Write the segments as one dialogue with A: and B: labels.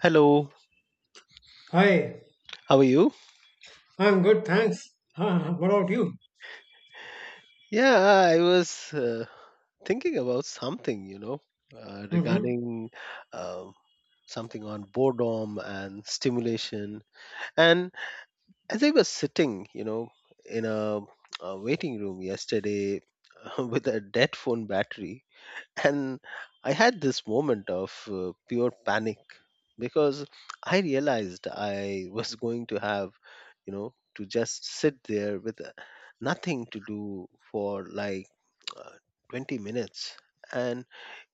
A: Hello,
B: Hi,
A: how are you?
B: I'm good, thanks. What about you?
A: Yeah, I was thinking about something,
B: hmm
A: regarding uh, something on boredom and stimulation. And as I was sitting, you know, in a waiting room yesterday with a dead phone battery, and I had this moment of pure panic because I realized I was going to have, you know, to just sit there with nothing to do for like uh, 20 minutes. And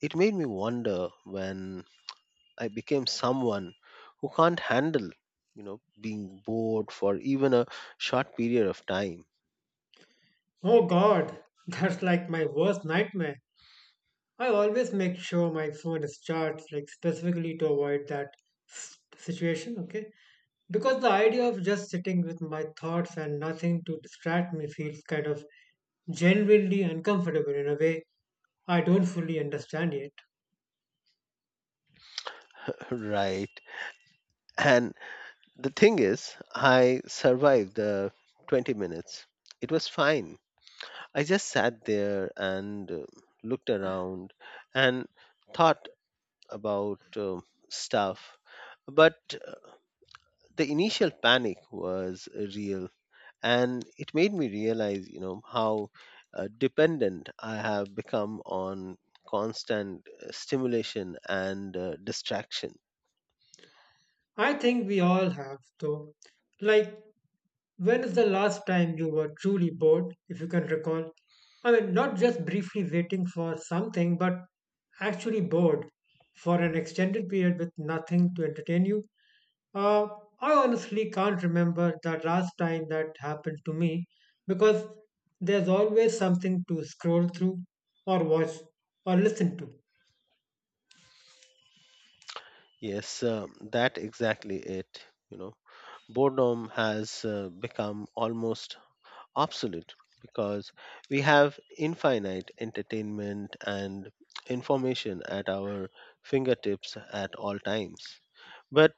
A: it made me wonder when I became someone who can't handle, you know, being bored for even a short period of time.
B: Oh God, that's like my worst nightmare. I always make sure my phone is charged, like specifically to avoid that situation, okay? Because the idea of just sitting with my thoughts and nothing to distract me feels kind of genuinely uncomfortable in a way I don't fully understand yet.
A: Right. And the thing is, I survived the 20 minutes. It was fine. I just sat there and looked around and thought about stuff. But the initial panic was real, and it made me realize, you know, how dependent I have become on constant stimulation and distraction.
B: I think we all have, though. Like, when is the last time you were truly bored, if you can recall? I mean, not just briefly waiting for something, but actually bored for an extended period with nothing to entertain you? Uh, I honestly can't remember the last time that happened to me because there's always something to scroll through or watch or listen to.
A: Yes, that exactly it. You know, boredom has become almost obsolete because we have infinite entertainment and information at our fingertips at all times. But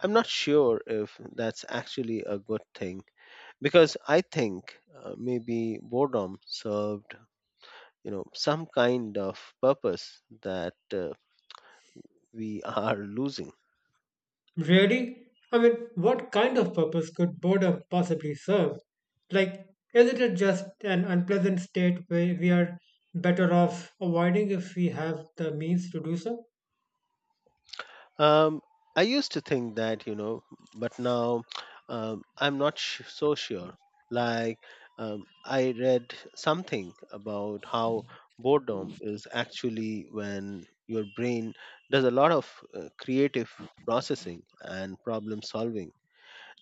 A: I'm not sure if that's actually a good thing, because I think maybe boredom served, you know, some kind of purpose that we are losing.
B: Really? I mean, what kind of purpose could boredom possibly serve? Like, isn't it just an unpleasant state where we are better off avoiding if we have the means to do so?
A: Um, I used to think that, you know, but now I'm not so sure. Like, I read something about how boredom is actually when your brain does a lot of creative processing and problem solving.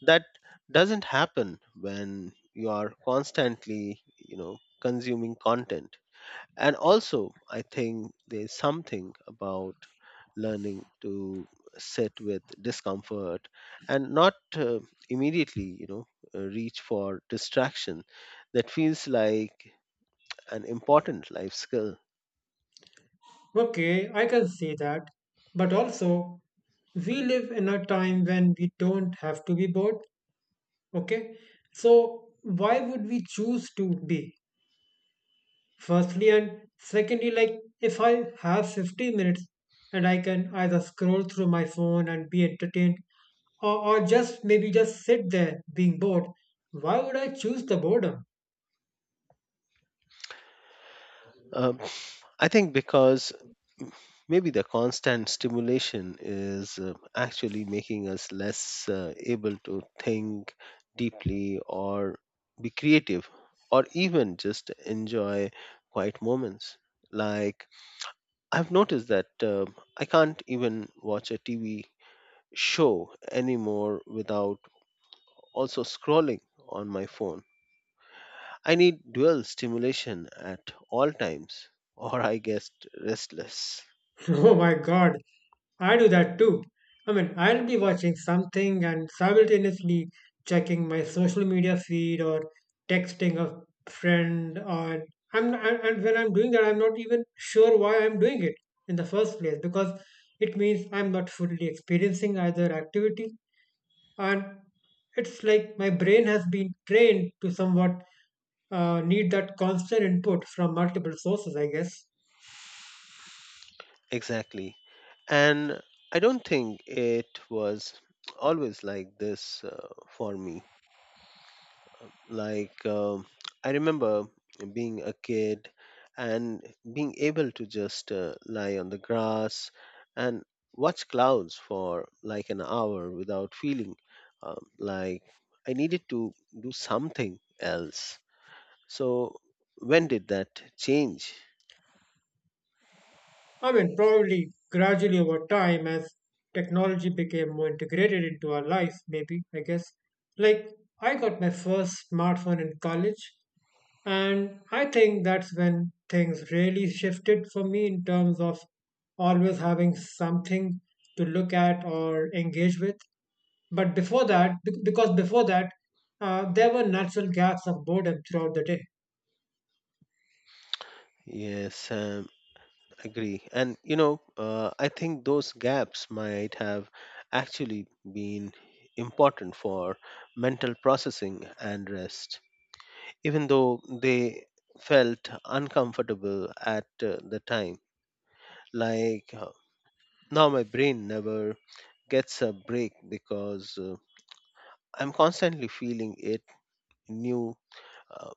A: That doesn't happen when you are constantly, you know, consuming content. And also I think there's something about learning to sit with discomfort and not immediately reach for distraction that feels like an important life skill.
B: Okay, I can see that. But also, we live in a time when we don't have to be bored, okay? So, why would we choose to be? Firstly, and secondly, like if I have 50 minutes and I can either scroll through my phone and be entertained or just maybe just sit there being bored, why would I choose the boredom?
A: Um, I think because maybe the constant stimulation is actually making us less able to think deeply or be creative or even just enjoy quiet moments. Like, I've noticed that I can't even watch a TV show anymore without also scrolling on my phone. I need dual stimulation at all times, or I get restless.
B: Oh my God, I do that too. I mean, I'll be watching something and simultaneously checking my social media feed or texting a friend. Or I'm and when I'm doing that, I'm not even sure why I'm doing it in the first place because it means I'm not fully experiencing either activity, and it's like my brain has been trained to somewhat need that constant input from multiple sources, I guess.
A: Exactly. And I don't think it was always like this for me. Like, I remember being a kid and being able to just lie on the grass and watch clouds for like an hour without feeling like I needed to do something else. So, when did that change?
B: I mean, probably gradually over time as technology became more integrated into our life, maybe, I guess. Like, I got my first smartphone in college, and I think that's when things really shifted for me in terms of always having something to look at or engage with. But before that, because before that, there were natural gaps of boredom throughout the day.
A: Yes, agree. And, you know, I think those gaps might have actually been important for mental processing and rest, even though they felt uncomfortable at the time. Like, now my brain never gets a break because I'm constantly feeling it, new uh,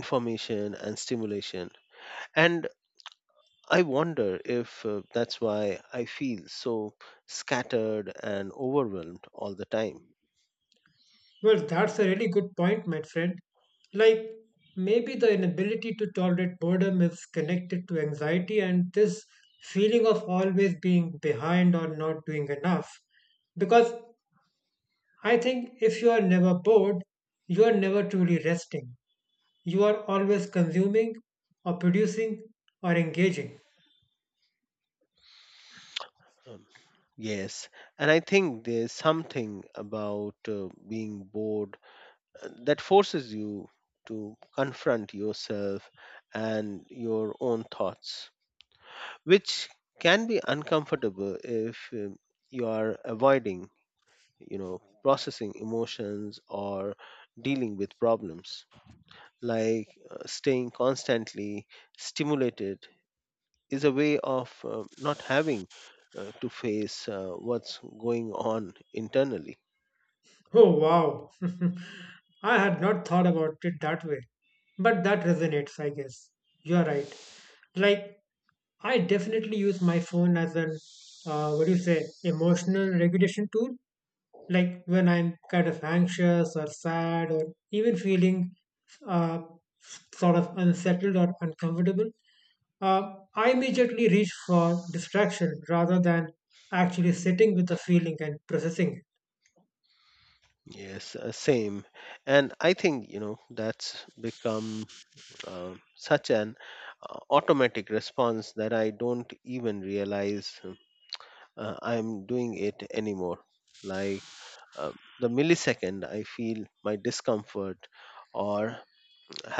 A: information and stimulation. And I wonder if that's why I feel so scattered and overwhelmed all the time.
B: Well, that's a really good point, my friend. Like, maybe the inability to tolerate boredom is connected to anxiety and this feeling of always being behind or not doing enough. Because I think if you are never bored, you are never truly resting. You are always consuming or producing or engaging.
A: Um, yes, and I think there's something about being bored that forces you to confront yourself and your own thoughts, which can be uncomfortable if you are avoiding, you know, processing emotions or dealing with problems. Like staying constantly stimulated is a way of not having to face what's going on internally.
B: Oh, wow. I had not thought about it that way. But that resonates, I guess. You're right. Like, I definitely use my phone as an, what do you say, emotional regulation tool. Like, when I'm kind of anxious or sad or even feeling uh, sort of unsettled or uncomfortable, I immediately reach for distraction rather than actually sitting with the feeling and processing it.
A: Yes, same. And I think, you know, that's become such an automatic response that I don't even realize I'm doing it anymore. Like, uh, the millisecond I feel my discomfort or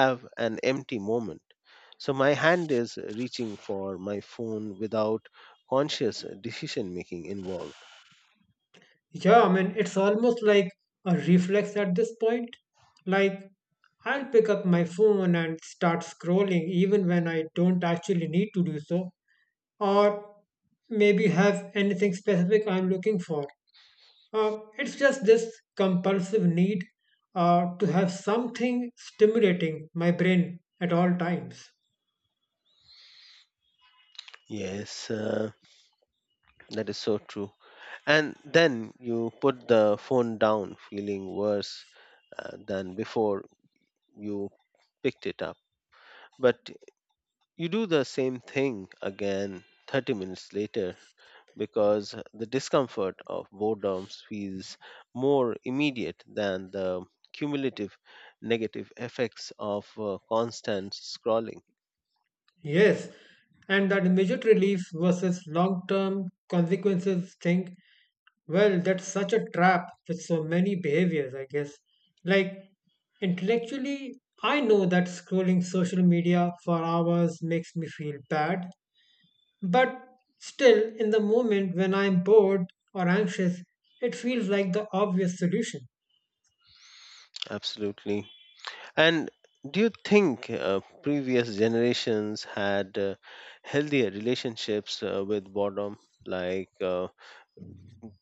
A: have an empty moment. So my hand is reaching for my phone without conscious decision making involved.
B: Yeah, I mean, it's almost like a reflex at this point. Like, I'll pick up my phone and start scrolling even when I don't actually need to do so, or maybe have anything specific I'm looking for. It's just this compulsive need to have something stimulating my brain at all times.
A: Yes, that is so true. And then you put the phone down feeling worse than before you picked it up. But you do the same thing again 30 minutes later because the discomfort of boredom feels more immediate than the cumulative negative effects of constant scrolling.
B: Yes, and that immediate relief versus long term consequences thing. Well, that's such a trap with so many behaviors, I guess. Like, intellectually, I know that scrolling social media for hours makes me feel bad, but still, in the moment when I'm bored or anxious, it feels like the obvious solution.
A: Absolutely. And do you think previous generations had healthier relationships with boredom? Like,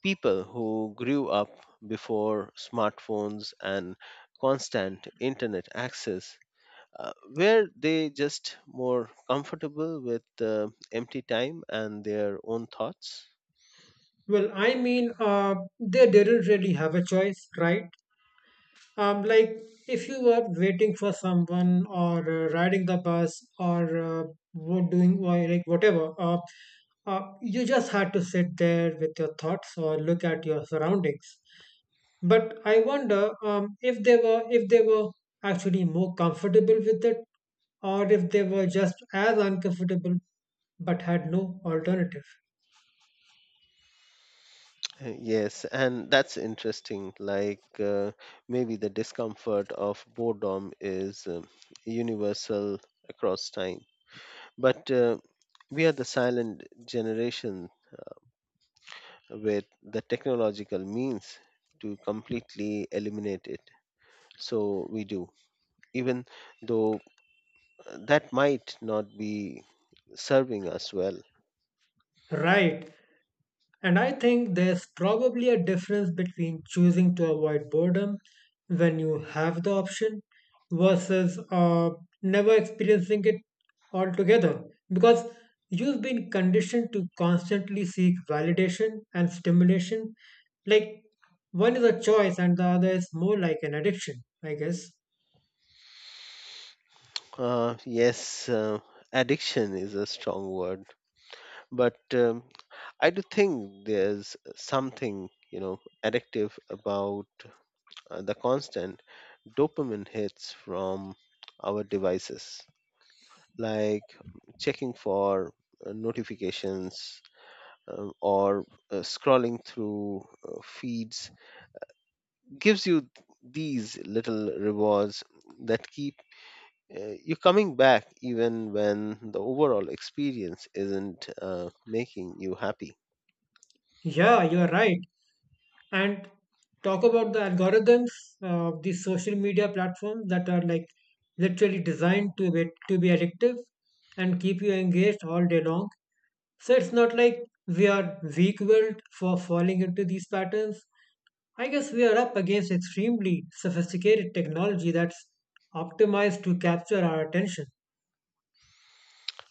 A: people who grew up before smartphones and constant internet access, were they just more comfortable with empty time and their own thoughts?
B: Well, I mean, they didn't really have a choice, right? Like if you were waiting for someone or riding the bus or doing like whatever, you just had to sit there with your thoughts or look at your surroundings. But I wonder if they were actually more comfortable with it or if they were just as uncomfortable but had no alternative.
A: Yes, and that's interesting. Like, maybe the discomfort of boredom is universal across time. But we are the silent generation with the technological means to completely eliminate it. So we do, even though that might not be serving us well.
B: Right. And I think there's probably a difference between choosing to avoid boredom when you have the option versus never experiencing it altogether. Because you've been conditioned to constantly seek validation and stimulation. Like one is a choice and the other is more like an addiction, I guess.
A: Yes, addiction is a strong word, but I do think there's something, you know, addictive about the constant dopamine hits from our devices, like checking for notifications or scrolling through feeds gives you these little rewards that keep you're coming back even when the overall experience isn't making you happy.
B: Yeah, you're right. And talk about the algorithms of the social media platforms that are like literally designed to be addictive and keep you engaged all day long. So it's not like we are weak-willed for falling into these patterns. I guess we are up against extremely sophisticated technology that's optimized to capture our attention.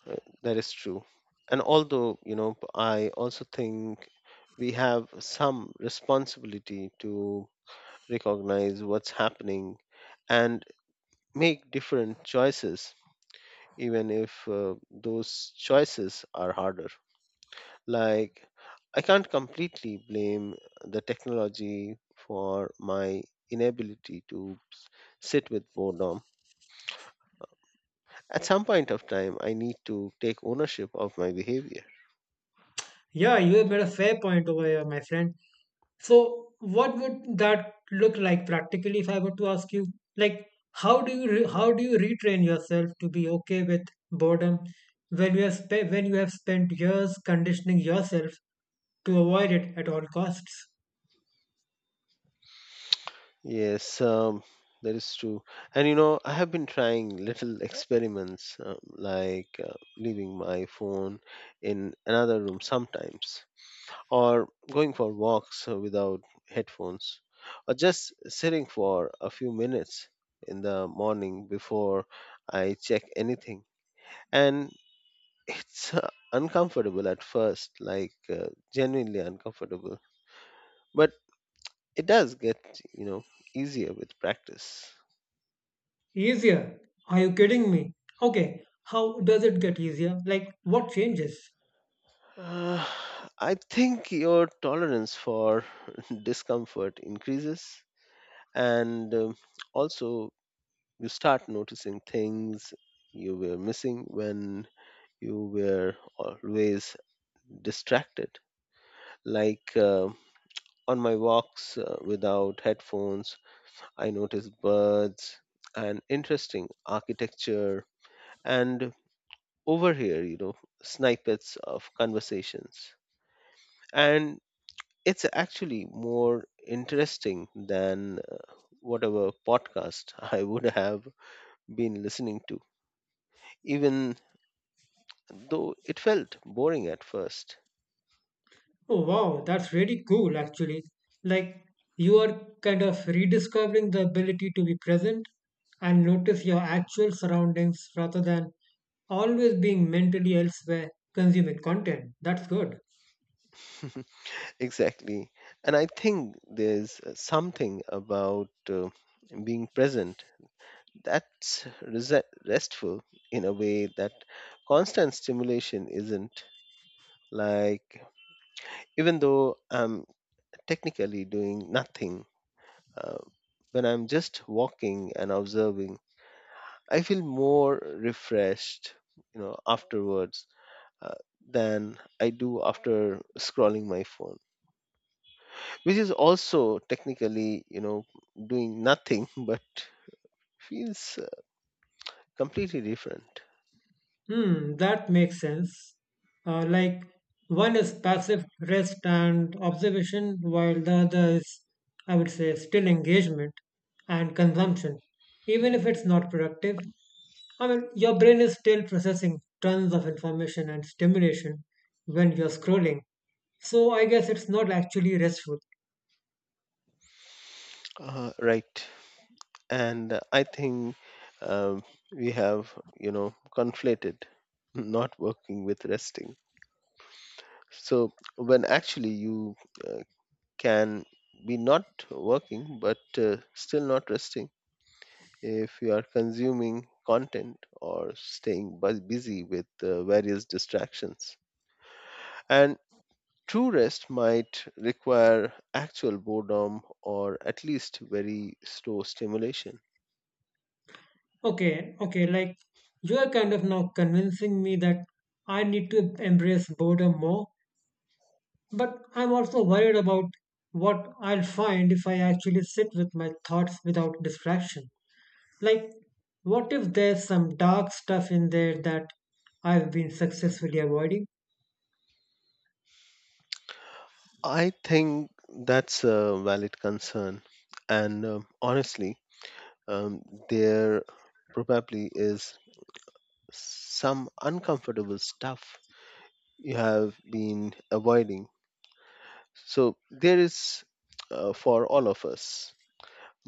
A: Uh, that is true. And although, you know, I also think we have some responsibility to recognize what's happening and make different choices, even if those choices are harder. Like, I can't completely blame the technology for my inability to sit with boredom. At some point of time, I need to take ownership of my behavior.
B: Yeah, you have made a fair point over here, my friend. So, what would that look like practically if I were to ask you? Like, how do you retrain yourself to be okay with boredom when when you have spent years conditioning yourself to avoid it at all costs?
A: Yes, that is true. And you know, I have been trying little experiments, like leaving my phone in another room sometimes, or going for walks without headphones, or just sitting for a few minutes in the morning before I check anything. And it's uncomfortable at first, like genuinely uncomfortable. But it does get, you know, easier with practice.
B: Easier? Are you kidding me? Okay, how does it get easier? Like, what changes?
A: Uh, I think your tolerance for discomfort increases, and also you start noticing things you were missing when you were always distracted. Like, on my walks without headphones, I notice birds and interesting architecture and overhear, you know, snippets of conversations. And it's actually more interesting than whatever podcast I would have been listening to, even though it felt boring at first.
B: Oh, wow, that's really cool, actually. Like, you are kind of rediscovering the ability to be present and notice your actual surroundings rather than always being mentally elsewhere consuming content. That's good.
A: Exactly. And I think there's something about being present that's restful in a way that constant stimulation isn't. Like, even though I'm technically doing nothing. Uh, when I'm just walking and observing, I feel more refreshed, you know, afterwards, uh, than I do after scrolling my phone, which is also technically, you know, doing nothing, but feels completely different.
B: Hmm, that makes sense. Like one is passive rest and observation, while the other is, I would say, still engagement and consumption, even if it's not productive. I mean, your brain is still processing tons of information and stimulation when you're scrolling. So I guess it's not actually restful.
A: Right. And I think um, we have, you know, conflated not working with resting. So when actually you uh, can be not working but still not resting if you are consuming content or staying busy with various distractions. And true rest might require actual boredom or at least very slow stimulation.
B: Okay, okay, like you are kind of now convincing me that I need to embrace boredom more. But I'm also worried about what I'll find if I actually sit with my thoughts without distraction. Like, what if there's some dark stuff in there that I've been successfully avoiding?
A: I think that's a valid concern. And honestly, um, there probably is some uncomfortable stuff you have been avoiding. So there is, for all of us.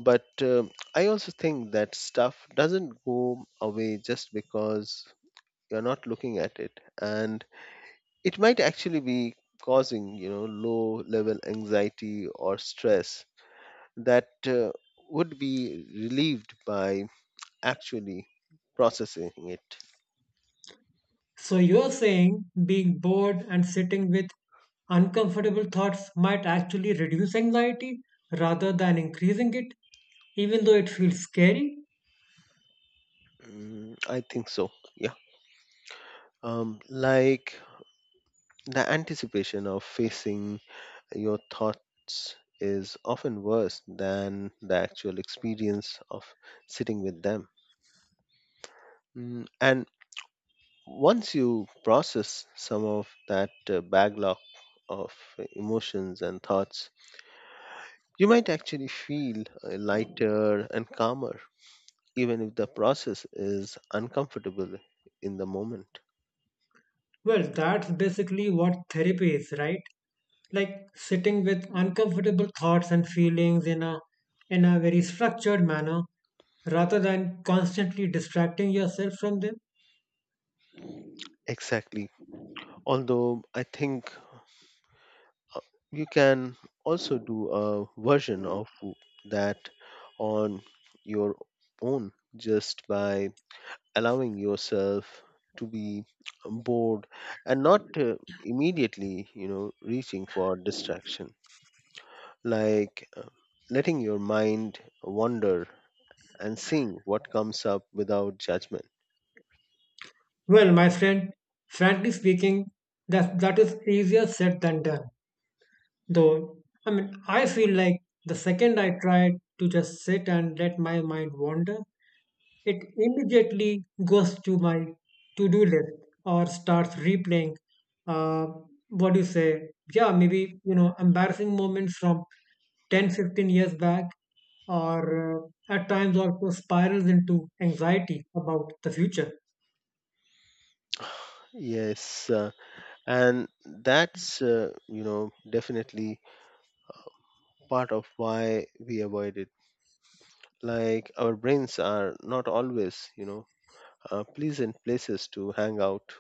A: But I also think that stuff doesn't go away just because you're not looking at it, and it might actually be causing, you know, low level anxiety or stress that would be relieved by actually processing it.
B: So you're saying being bored and sitting with uncomfortable thoughts might actually reduce anxiety rather than increasing it, even though it feels scary?
A: Mm, I think so. Yeah. Like the anticipation of facing your thoughts is often worse than the actual experience of sitting with them. Mm. And once you process some of that backlog of emotions and thoughts, you might actually feel lighter and calmer, even if the process is uncomfortable in the moment.
B: Well, that's basically what therapy is, right? Like sitting with uncomfortable thoughts and feelings in a very structured manner rather than constantly distracting yourself from them.
A: Exactly. Although I think Uh, you can also do a version of that on your own just by allowing yourself to be bored and not immediately, you know, reaching for distraction. Like, letting your mind wander and seeing what comes up without judgment.
B: Well, my friend, frankly speaking, that is easier said than done. Though I mean, I feel like the second I tried to just sit and let my mind wander, it immediately goes to my to do list or starts replaying. Uh, what do you say? Yeah, maybe you know embarrassing moments from 10, 15 years back, or at times also spirals into anxiety about the future.
A: Yes, and that's, you know, definitely part of why we avoid it. Like our brains are not always, you know, pleasant places to hang out,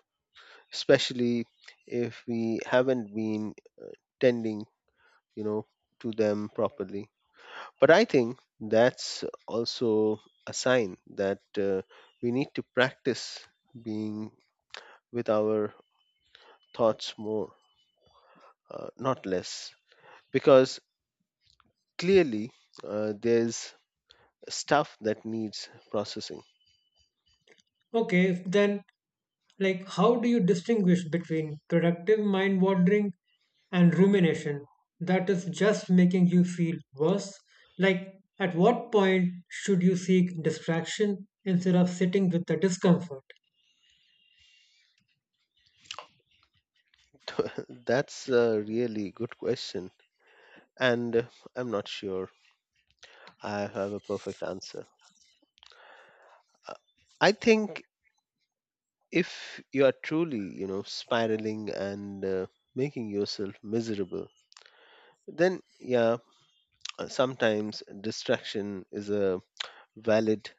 A: especially if we haven't been tending, you know, to them properly. But I think that's also a sign that we need to practice being with our thoughts more, not less, because clearly there's stuff that needs processing.
B: Okay, then like how do you distinguish between productive mind wandering and rumination that is just making you feel worse? Like at what point should you seek distraction instead of sitting with the discomfort?
A: That's a really good question. And I'm not sure I have a perfect answer. Uh, I think if you are truly, you know, spiraling and making yourself miserable, then yeah, sometimes distraction is a valid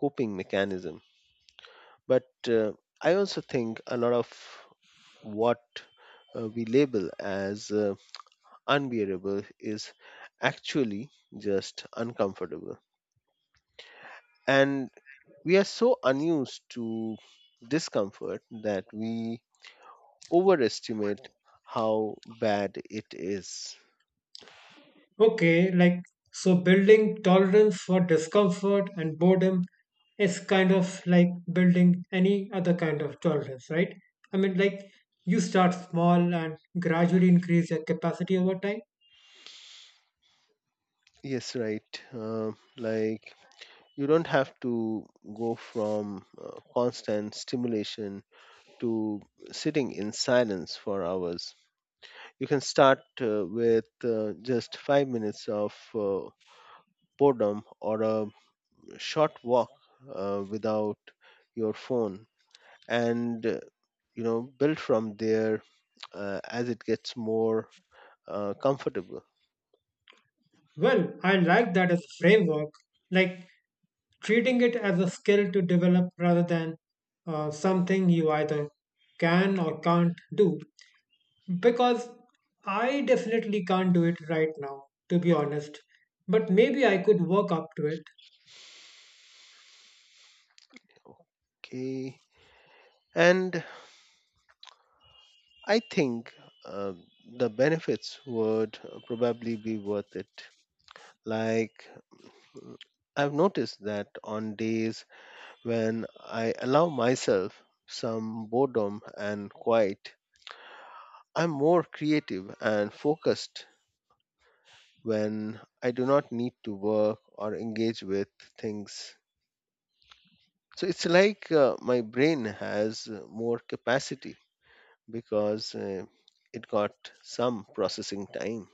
A: coping mechanism. But I also think a lot of what we label as unbearable is actually just uncomfortable. And we are so unused to discomfort that we overestimate how bad it is.
B: Okay, like so building tolerance for discomfort and boredom is kind of like building any other kind of tolerance, right? I mean, like you start small and gradually increase your capacity over time.
A: Yes, right. Like you don't have to go from constant stimulation to sitting in silence for hours. You can start with just 5 minutes of boredom or a short walk without your phone and build from there as it gets more comfortable
B: Well, I like that as a framework, like treating it as a skill to develop rather than something you either can or can't do. Because I definitely can't do it right now, to be honest. But maybe I could work up to it.
A: okay and I think uh, the benefits would probably be worth it, like, mm, I've noticed that on days when I allow myself some boredom and quiet, I'm more creative and focused when I do not need to work or engage with things. So it's like my brain has more capacity because it got some processing time.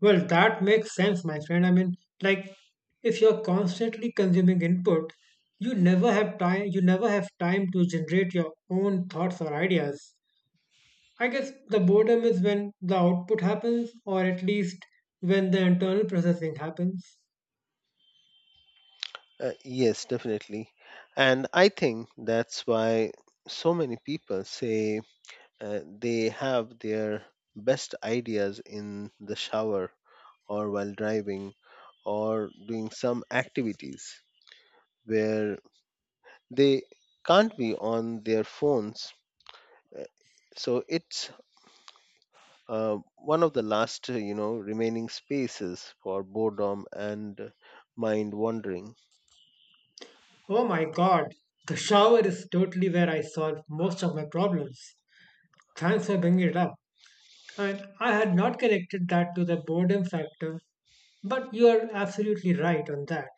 B: Well, that makes sense, my friend. I mean, like, if you're constantly consuming input, You never have time to generate your own thoughts or ideas. I guess the boredom is when the output happens, or at least when the internal processing happens.
A: Yes, definitely. And I think that's why so many people say they have their best ideas in the shower or while driving or doing some activities where they can't be on their phones. Uh, So it's one of the last remaining spaces for boredom and mind wandering.
B: Oh my god, the shower is totally where I solve most of my problems. Thanks for bringing it up. And I had not connected that to the boredom factor, but you are absolutely right on that.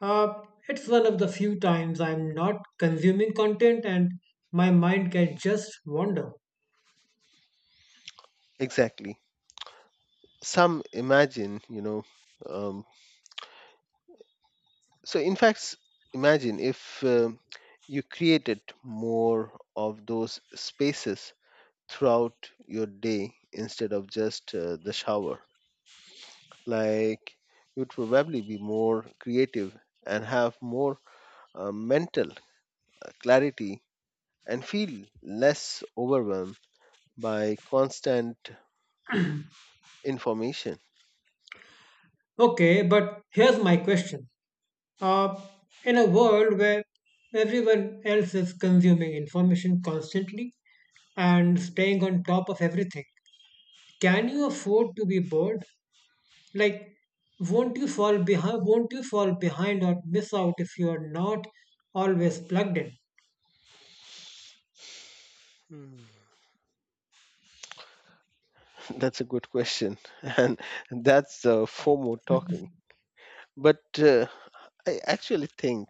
B: Uh, it's one of the few times I'm not consuming content and my mind can just wander.
A: Exactly. some imagine you know um, so in fact s- Imagine if you created more of those spaces throughout your day instead of just the shower. Like, you'd probably be more creative and have more mental clarity and feel less overwhelmed by constant information?
B: Okay, but here's my question, uh, in a world where everyone else is consuming information constantly and staying on top of everything, can you afford to be bored? Like won't you fall behind or miss out if you are not always plugged in?
A: Hmm. That's a good question. And that's FOMO talking. But I actually think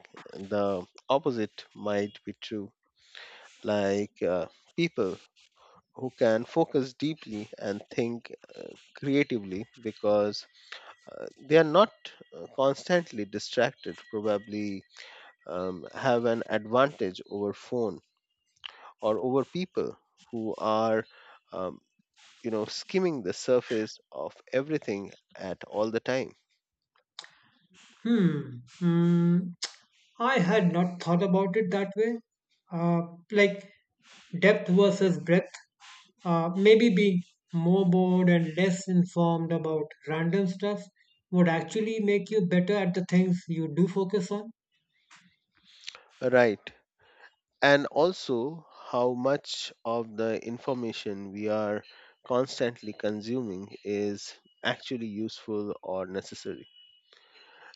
A: the opposite might be true. Like people who can focus deeply and think creatively because they are not constantly distracted, probably have an advantage over phone or over people who are. um, skimming the surface of everything at all the time.
B: Hmm. Mm, I had not thought about it that way. Uh, like depth versus breadth. Maybe being more bored and less informed about random stuff would actually make you better at the things you do focus on.
A: Right, and also how much of the information we are constantly consuming is actually useful or necessary?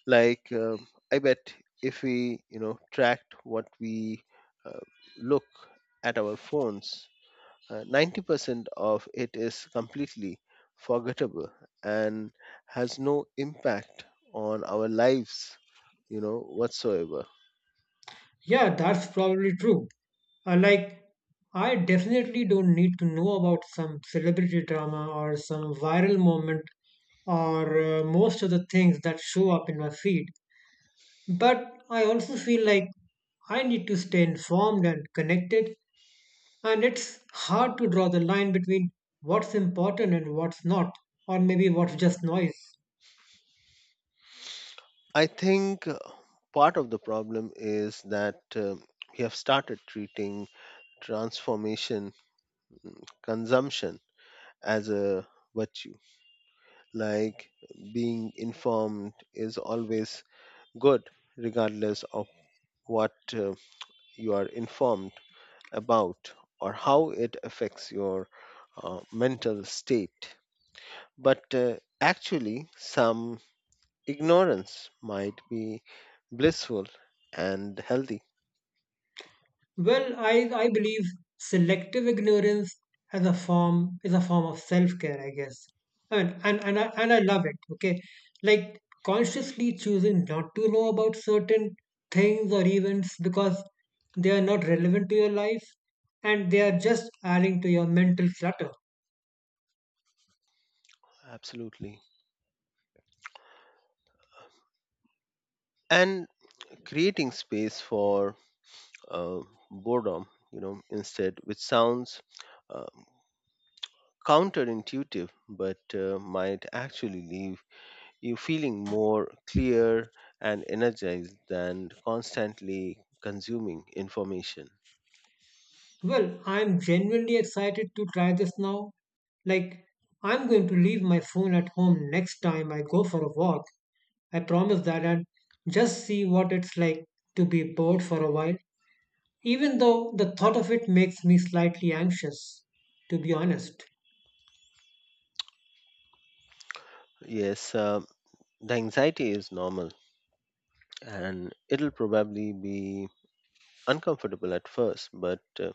A: Like I bet if we tracked what we uh, look at our phones, 90% of it is completely forgettable and has no impact on our lives, whatsoever.
B: Yeah, that's probably true. Like, I definitely don't need to know about some celebrity drama or some viral moment or most of the things that show up in my feed. But I also feel like I need to stay informed and connected, and it's hard to draw the line between what's important and what's not, or maybe what's just noise.
A: I think part of the problem is that we have started treating transformation consumption as a virtue, like being informed is always good regardless of what you are informed about or how it affects your mental state. But actually, some ignorance might be blissful and healthy.
B: Well, I believe selective ignorance as a form is a form of self-care, I guess. I mean, and I love it. Okay, like consciously choosing not to know about certain things or events because they are not relevant to your life and they are just adding to your mental clutter.
A: Absolutely. And creating space for uh, boredom, you know, instead, which sounds um, counterintuitive, but might actually leave you feeling more clear and energized than constantly consuming information.
B: Well, I'm genuinely excited to try this now. Like, I'm going to leave my phone at home next time I go for a walk. I promise that, and just see what it's like to be bored for a while, even though the thought of it makes me slightly anxious, to be honest.
A: Yes, the anxiety is normal and it'll probably be uncomfortable at first, but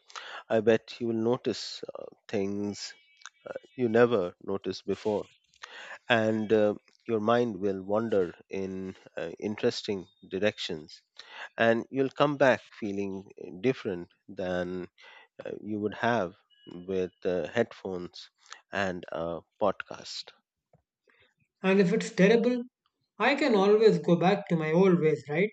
A: I bet you will notice things you never noticed before. And your mind will wander in interesting directions. And you'll come back feeling different than you would have with headphones and a podcast.
B: And if it's terrible, I can always go back to my old ways, right?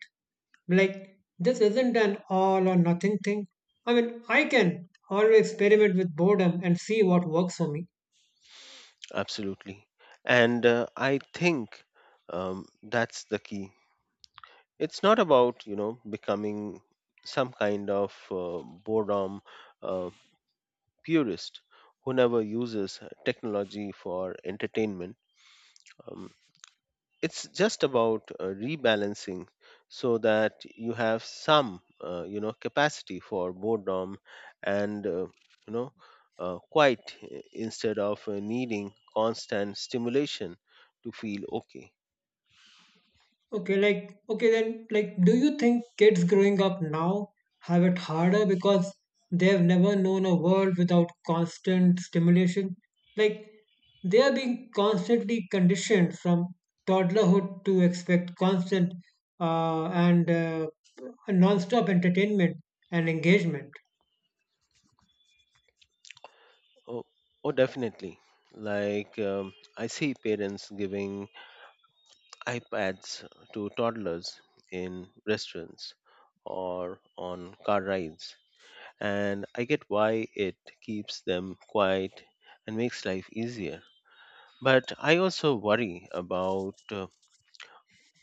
B: Like, this isn't an all or nothing thing. I mean, I can always experiment with boredom and see what works for me.
A: Absolutely. And I think that's the key. It's not about, you know, becoming some kind of boredom uh, purist who never uses technology for entertainment. Um, it's just about rebalancing so that you have some capacity for boredom and you know quiet instead of needing constant stimulation to feel okay.
B: Okay, like okay then, like, do you think kids growing up now have it harder because they've never known a world without constant stimulation? Like, they are being constantly conditioned from toddlerhood to expect constant and non-stop entertainment and engagement.
A: Oh, oh definitely. Like I see parents giving iPads to toddlers in restaurants or on car rides, and I get why it keeps them quiet and makes life easier. But I also worry about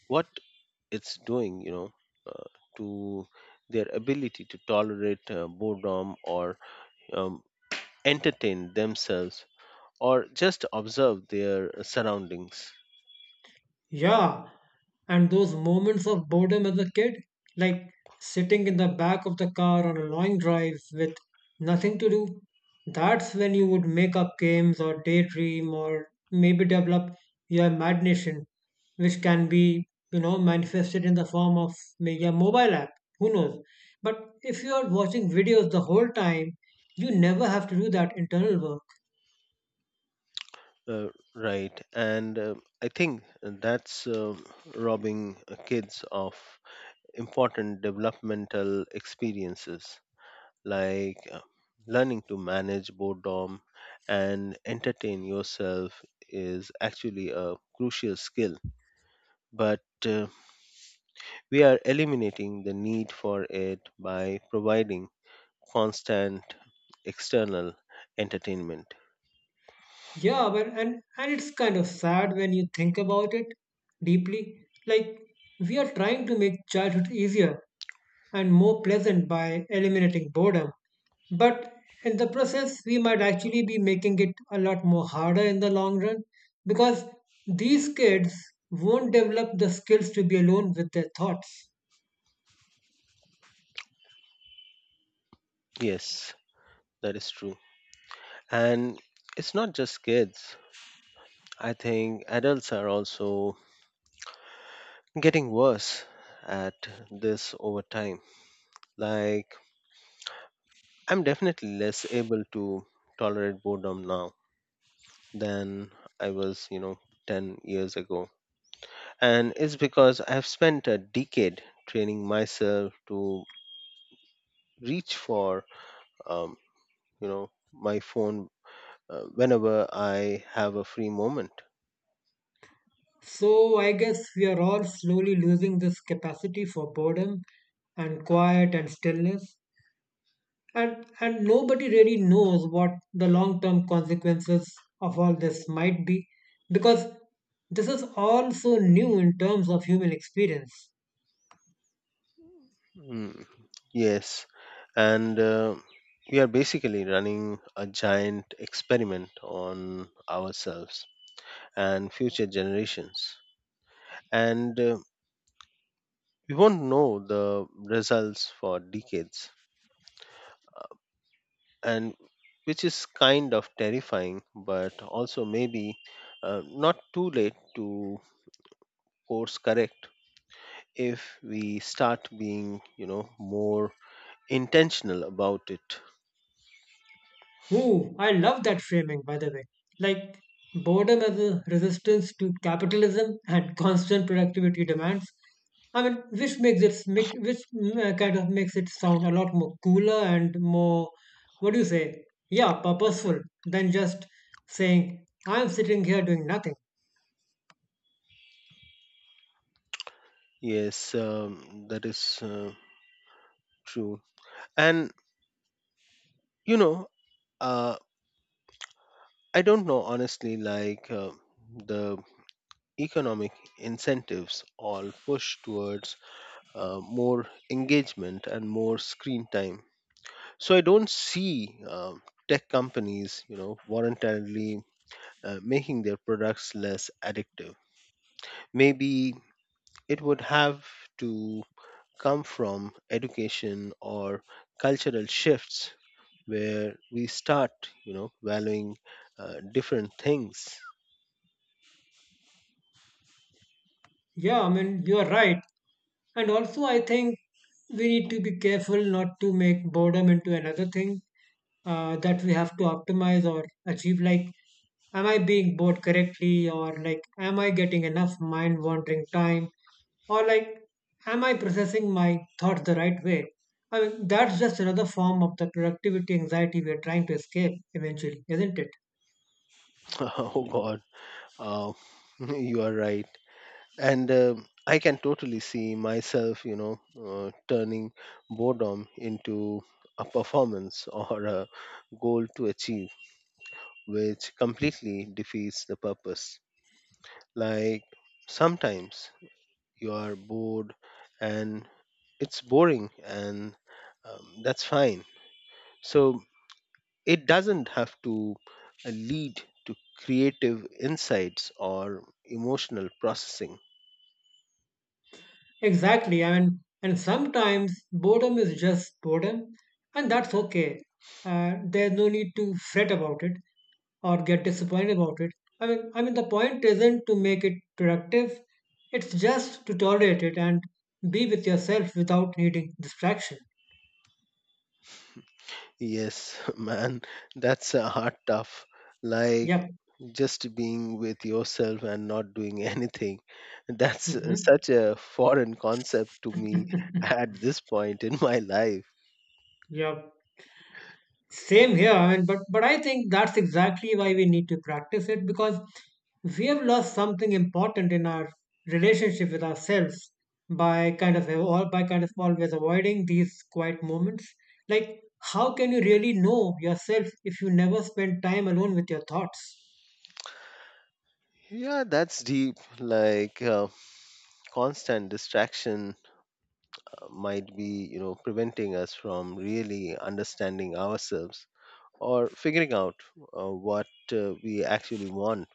A: what it's doing, you know, uh, to their ability to tolerate boredom or um, entertain themselves or just observe their surroundings.
B: Yeah, and those moments of boredom as a kid, like sitting in the back of the car on a long drive with nothing to do, that's when you would make up games or daydream or maybe develop your imagination, which can be, you know, manifested in the form of maybe a mobile app. Who knows? But if you are watching videos the whole time, you never have to do that internal work.
A: Uh, right, and I think that's robbing kids of important developmental experiences. Like learning to manage boredom and entertain yourself is actually a crucial skill, but we are eliminating the need for it by providing constant external entertainment.
B: Yeah, well, and it's kind of sad when you think about it deeply. Like, we are trying to make childhood easier and more pleasant by eliminating boredom, but in the process, we might actually be making it a lot more harder in the long run because these kids won't develop the skills to be alone with their thoughts.
A: Yes, that is true. And it's not just kids. I think adults are also getting worse at this over time. Like, I'm definitely less able to tolerate boredom now than I was, you know, 10 years ago. And it's because I've spent a decade training myself to reach for, um, my phone whenever I have a free moment.
B: So I guess we are all slowly losing this capacity for boredom and quiet and stillness. And nobody really knows what the long term consequences of all this might be because this is all so new in terms of human experience.
A: Mm, yes. And we are basically running a giant experiment on ourselves and future generations. And we won't know the results for decades, and which is kind of terrifying, but also maybe not too late to course correct if we start being, you know, more intentional about it.
B: Ooh, I love that framing, by the way. Like, boredom as a resistance to capitalism and constant productivity demands. I mean, which makes it makes which kind of makes it sound a lot more cooler and more, what do you say? Yeah, purposeful than just saying I'm sitting here doing nothing.
A: Yes, that is true. And you know, uh, I don't know honestly, like the economic incentives all push towards more engagement and more screen time. So I don't see tech companies, you know, voluntarily making their products less addictive. Maybe it would have to come from education or cultural shifts where we start, you know, valuing different things.
B: Yeah, I mean, you're right. And also, I think we need to be careful not to make boredom into another thing that we have to optimize or achieve. Like, am I being bored correctly? Or, like, am I getting enough mind wandering time? Or, like, am I processing my thoughts the right way? I mean, that's just another form of the productivity anxiety we're trying to escape eventually, isn't it?
A: Oh God, uh, you are right. And I can totally see myself turning boredom into a performance or a goal to achieve, which completely defeats the purpose. Like, sometimes you are bored and it's boring and that's fine. So it doesn't have to lead to creative insights or emotional processing.
B: Exactly. I mean, and sometimes boredom is just boredom, and that's okay. There's no need to fret about it or get disappointed about it. I mean, the point isn't to make it productive. It's just to tolerate it and be with yourself without needing distraction.
A: Yes, man, that's a hard tough. Like,
B: Yep.
A: just being with yourself and not doing anything. That's
B: Mm-hmm.
A: such a foreign concept to me at this point in my life.
B: Yep. Same here. I mean, but I think that's exactly why we need to practice it because we have lost something important in our relationship with ourselves by kind of always avoiding these quiet moments. Like, how can you really know yourself if you never spend time alone with your thoughts?
A: Yeah, that's deep. Like constant distraction might be preventing us from really understanding ourselves or figuring out what we actually want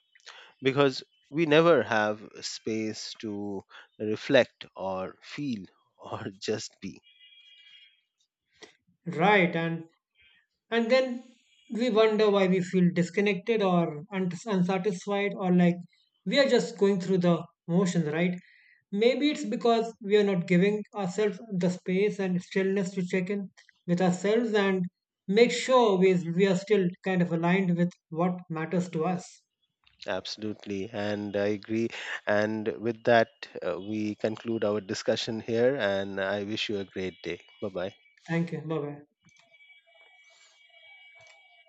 A: because we never have space to reflect or feel or just be.
B: Right, and then we wonder why we feel disconnected or unsatisfied or like we are just going through the motions, right? Maybe it's because we are not giving ourselves the space and stillness to check in with ourselves and make sure we are still kind of aligned with what matters to us.
A: Absolutely, and I agree. And with that, we conclude our discussion here, and I wish you a great day. Bye bye.
B: Thank you. Bye bye.